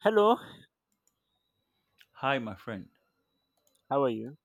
Hello, Hi, my friend. how are you?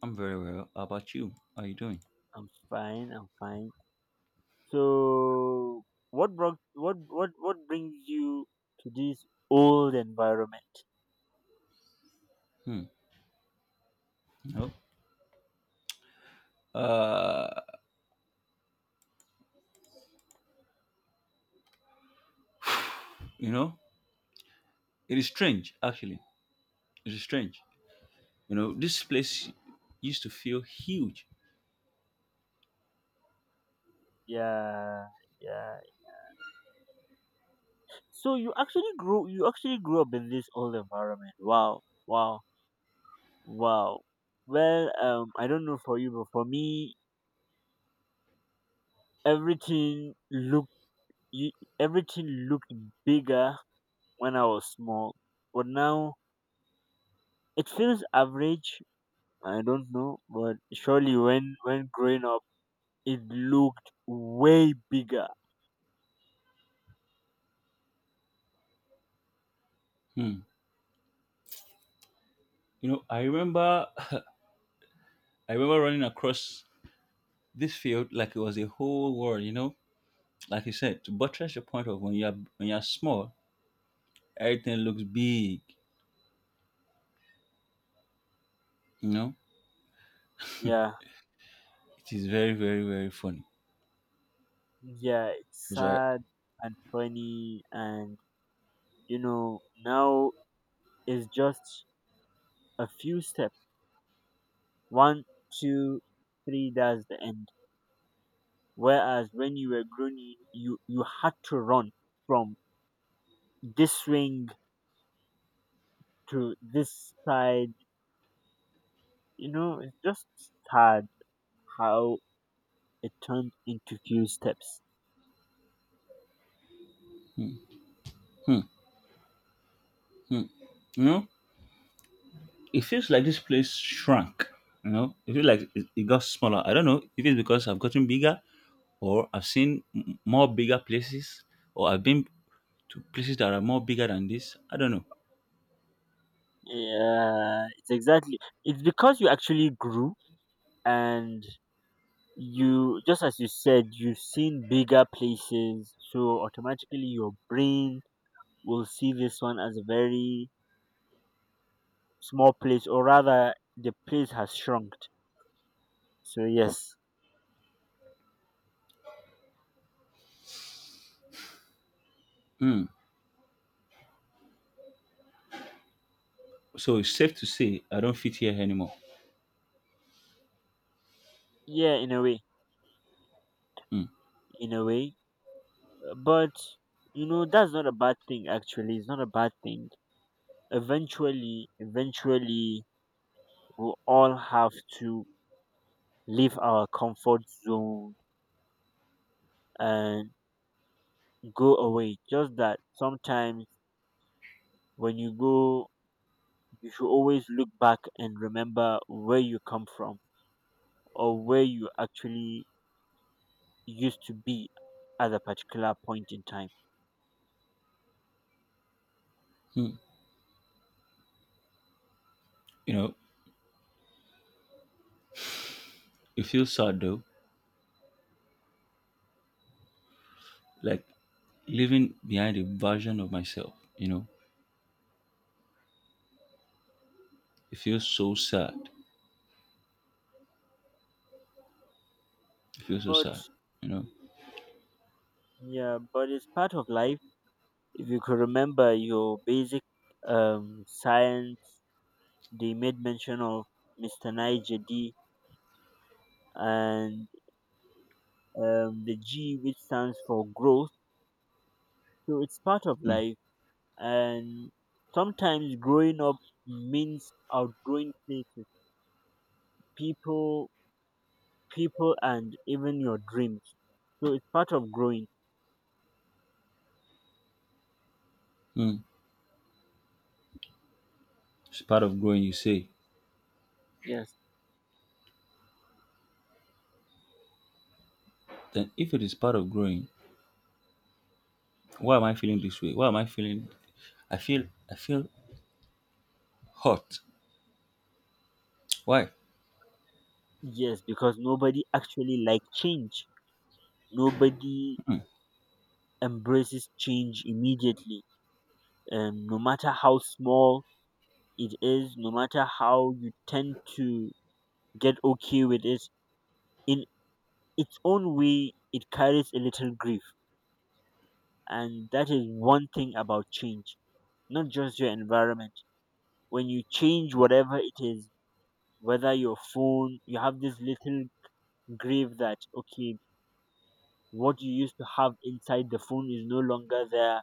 I'm very well. How about you? How are you doing? I'm fine. I'm fine. So, what brought what brings you to this old environment? Hmm. No. Uh, you know, it is strange, actually. It is strange. You know, this place used to feel huge. Yeah, yeah. So you actually grew up in this old environment. Wow, wow, wow. Well, I don't know for you, but for me, everything looked you, everything looked bigger when I was small, but now it feels average. I don't know, but surely when growing up, it looked way bigger. Hmm. You know, I remember, I remember running across this field like it was a whole world. You know, like you said, to buttress your point of when you are small, everything looks big. You know, Yeah, it is very, very, very funny. yeah, it's So, I, sad and funny, and now it's just a few steps. One, two, three. That's the end. Whereas when you were growing, you had to run from this ring to this side. It's just sad how it turned into few steps. hmm, hmm. You know, it feels like this place shrunk. You know, it feels like it got smaller. I don't know if it's because I've gotten bigger, or I've seen more bigger places, or I've been to places that are more bigger than this. I don't know. Yeah, it's exactly. It's because you actually grew and you, just as you said, you've seen bigger places. So automatically your brain will see this one as a very small place, or rather, the place has shrunk. So, yes. Hmm. So it's safe to say I don't fit here anymore. Yeah, in a way. Hmm. In a way. But, that's not a bad thing, actually. It's not a bad thing. Eventually, eventually, we'll all have to leave our comfort zone and go away. Just that sometimes when you go, you should always look back and remember where you come from or where you actually used to be at a particular point in time. Hmm. You know, it feels sad though, like leaving behind a version of myself. You know, it feels so sad. It feels so But sad. You know, yeah, but it's part of life. If you could remember your basic science, they made mention of Mr. Niger D and the G, which stands for growth. So it's part of hmm. life, and sometimes growing up means outgrowing places, people, and even your dreams. So it's part of growing. Hmm. It's part of growing, you say, Yes, then if it is part of growing, why am I feeling this way? Why am I feeling I feel I feel hot. Why? yes, because nobody actually like change. Nobody embraces change immediately, no matter how small it is, no matter how you tend to get okay with it. In its own way, it carries a little grief. And that is one thing about change, not just your environment. When you change whatever it is, whether your phone, you have this little grief that, okay, what you used to have inside the phone is no longer there.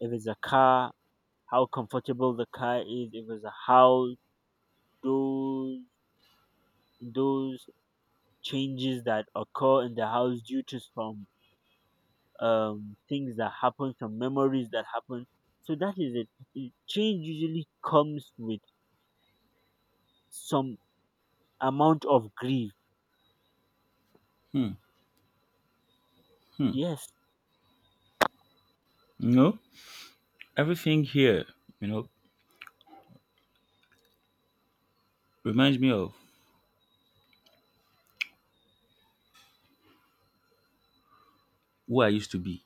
If it's a car, how comfortable the car is. If it's a house, those, those changes that occur in the house due to some things that happen, some memories that happen. So that is it. Change usually comes with some amount of grief. Yes. You know? Everything here, you know, reminds me of who I used to be.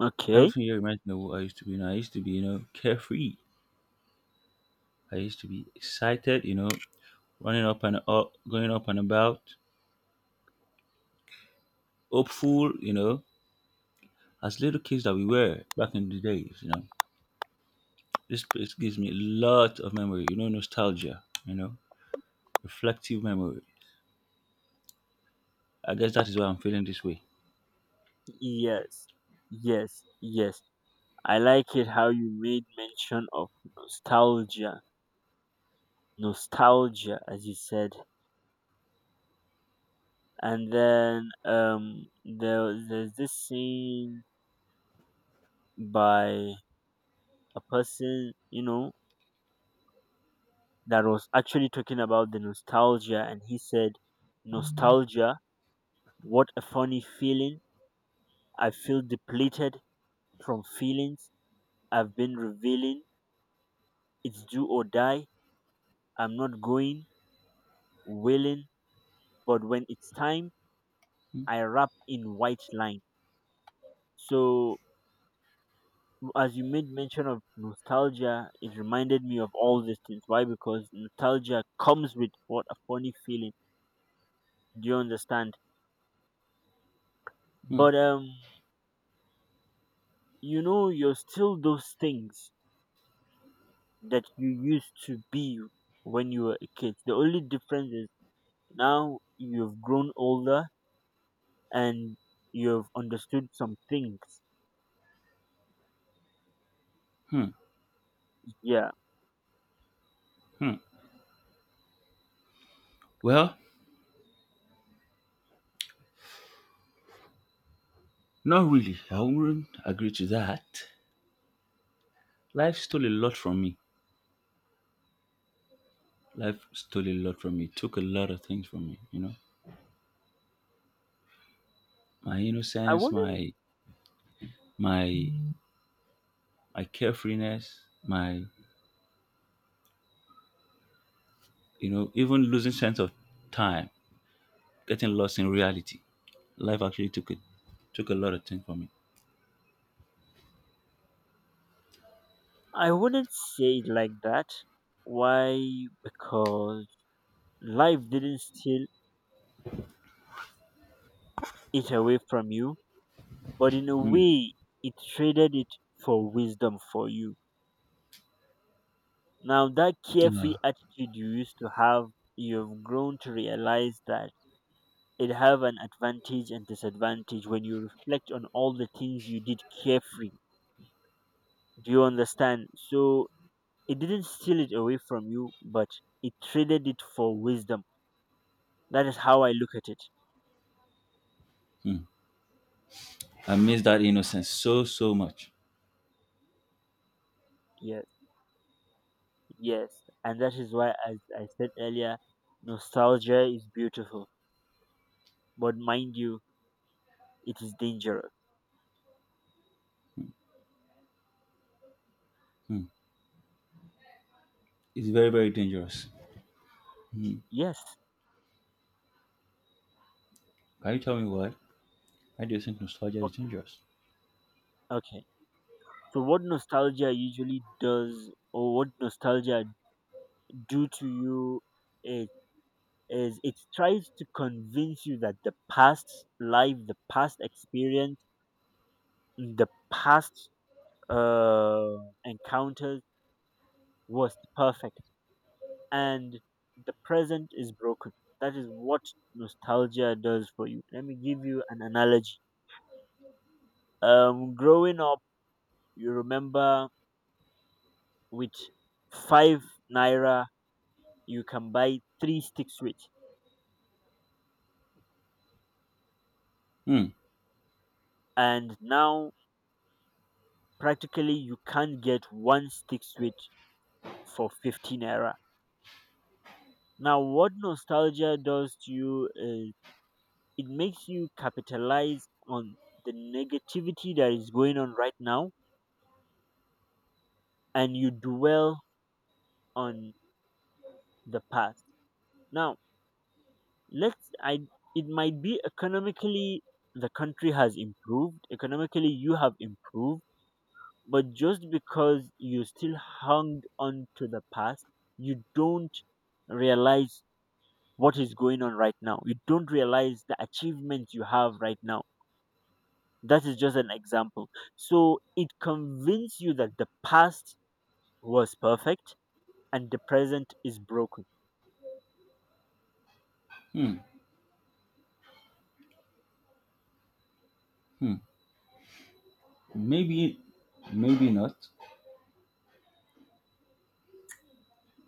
Okay. Everything here reminds me of who I used to be. You know, I used to be, you know, carefree. I used to be excited, you know, running up and up going up and about, hopeful, you know, as little kids that we were back in the days, you know. This place gives me a lot of memory, you know, nostalgia, you know, reflective memory. I guess that is why I'm feeling this way. Yes. Yes. Yes. I like it how you made mention of nostalgia. Nostalgia, as you said. And then there's this scene by a person, that was actually talking about the nostalgia, and he said, nostalgia, what a funny feeling. I feel depleted from feelings I've been revealing. It's do or die. I'm not going, willing, but when it's time, Hmm, I wrap in white line. So, as you made mention of nostalgia, it reminded me of all these things. Why? Because nostalgia comes with what a funny feeling. Do you understand? hmm, But, you're still those things that you used to be when you were a kid. The only difference is now you've grown older and you've understood some things. hmm. Yeah. Hmm. Well, not really. I wouldn't agree to that. Life stole a lot from me. Life stole a lot from me. Took a lot of things from me. You know, my I innocence, wouldn't my my carefreeness, my you know, even losing sense of time, getting lost in reality. Life actually took it took a lot of things from me. I wouldn't say it like that. Why? Because life didn't steal it away from you, but in a Mm. way it traded it for wisdom for you. Now that Uh, carefree attitude you used to have, you've grown to realize that it have an advantage and disadvantage when you reflect on all the things you did carefree. Do you understand? So it didn't steal it away from you, but it traded it for wisdom. That is how I look at it. mm. I miss that innocence so so much. Yes, yes, and that is why, as I said earlier, nostalgia is beautiful, but mind you, it is dangerous. Mm. It's very very dangerous. Mm. Yes, Can you tell me why? Why do you think nostalgia is okay, dangerous? okay. So, what nostalgia usually does, or what nostalgia do to you, it it tries to convince you that the past life, the past experience, the past uh, encounters was perfect, and the present is broken. That is what nostalgia does for you. Let me give you an analogy. Growing up, you remember, with 5 naira you can buy three stick switch, Mm. and now practically you can't get one stick switch for 15 naira. Now, what nostalgia does to you is it makes you capitalize on the negativity that is going on right now, and you dwell on the past. Now, let's I it might be economically, the country has improved, economically you have improved, but just because you still hung on to the past, you don't realize what is going on right now. You don't realize the achievements you have right now. That is just an example. So it convinces you that the past was perfect and the present is broken. Hmm. Hmm. Maybe, maybe not.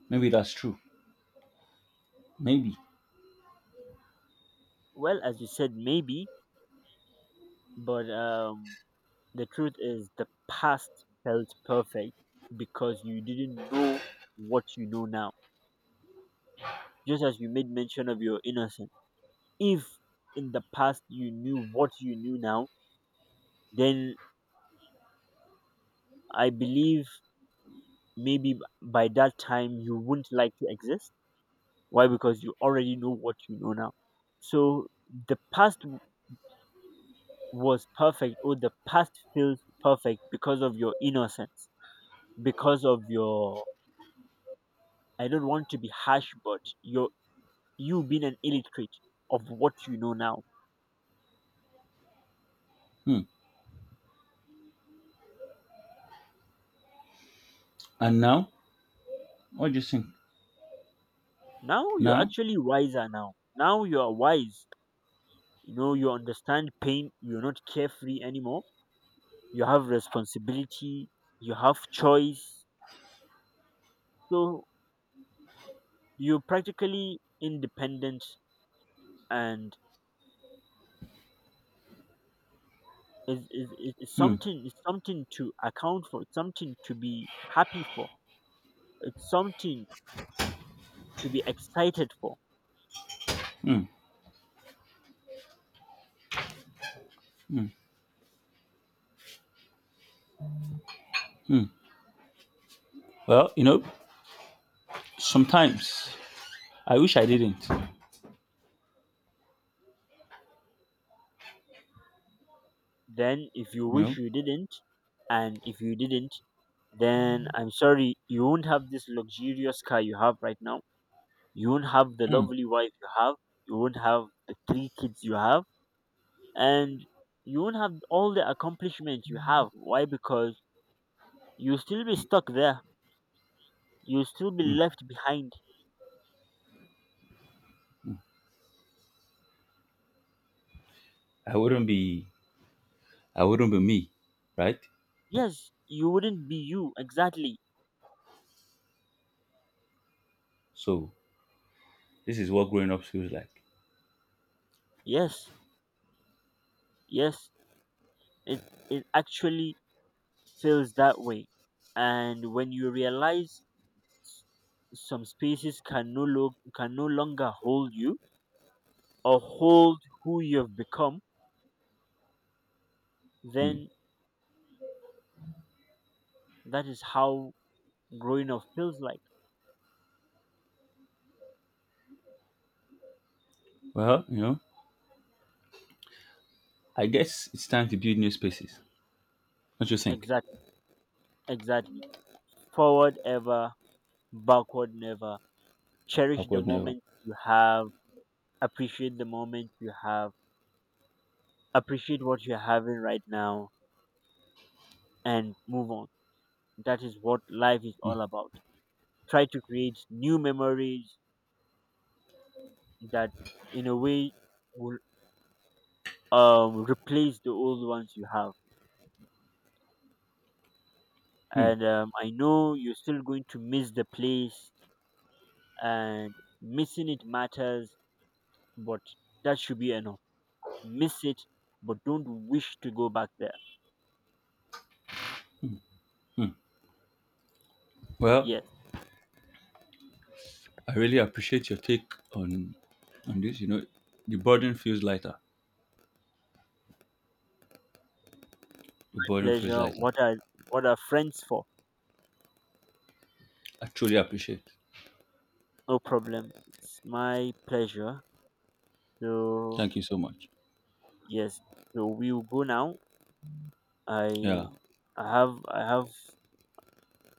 Maybe that's true. Maybe. Well, as you said, maybe, but the truth is, the past felt perfect because you didn't know what you know now. Just as you made mention of your innocence. If in the past you knew what you knew now, then I believe maybe by that time you wouldn't like to exist. Why? Because you already know what you know now. So the past was perfect, or the past feels perfect because of your innocence, because of your, I don't want to be harsh, but you being an illiterate of what you know now. Hmm. And now, what do you think? Now you're Now? actually wiser now. Now you are wise. You understand pain. You're not carefree anymore. You have responsibility. You have choice. So you're practically independent, and is Hmm. something to account for. It's something to be happy for, it's something to be excited for. Hmm. Hmm. Well, you know, sometimes I wish I didn't. Then if you You wish know, you didn't, and if you didn't, then I'm sorry, you won't have this luxurious car you have right now. You won't have the hmm. lovely wife you have. You won't have the three kids you have. And you won't have all the accomplishments you have. Why? Because you'll still be stuck there. You'll still be Hmm. left behind. I wouldn't be. I wouldn't be me, right? Yes, you wouldn't be you. Exactly. So this is what growing up feels like. Yes, yes. It, it actually feels that way. And when you realize some spaces can no longer hold you or hold who you've become, Hmm. then that is how growing up feels like. Well, you know, I guess it's time to build new spaces. What do you think? Exactly, exactly. Forward ever, backward never. Cherish the Awkward never. moment you have, appreciate the moment you have, appreciate what you're having right now and move on. That is what life is all about. Try to create new memories that, in a way, will replace the old ones you have, Hmm. and I know you're still going to miss the place, and missing it matters, but that should be enough. Miss it, but don't wish to go back there. Hmm. Well, Yes, I really appreciate your take on this. You know, the burden feels lighter. The my burden feels pleasure. lighter. What are friends for? I truly appreciate. No problem. It's my pleasure. So Thank you so much. yes, so we will go now. Yeah. I I have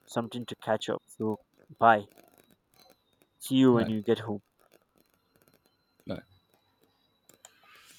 something to catch up. So bye. See you when Bye. you get home. Bye.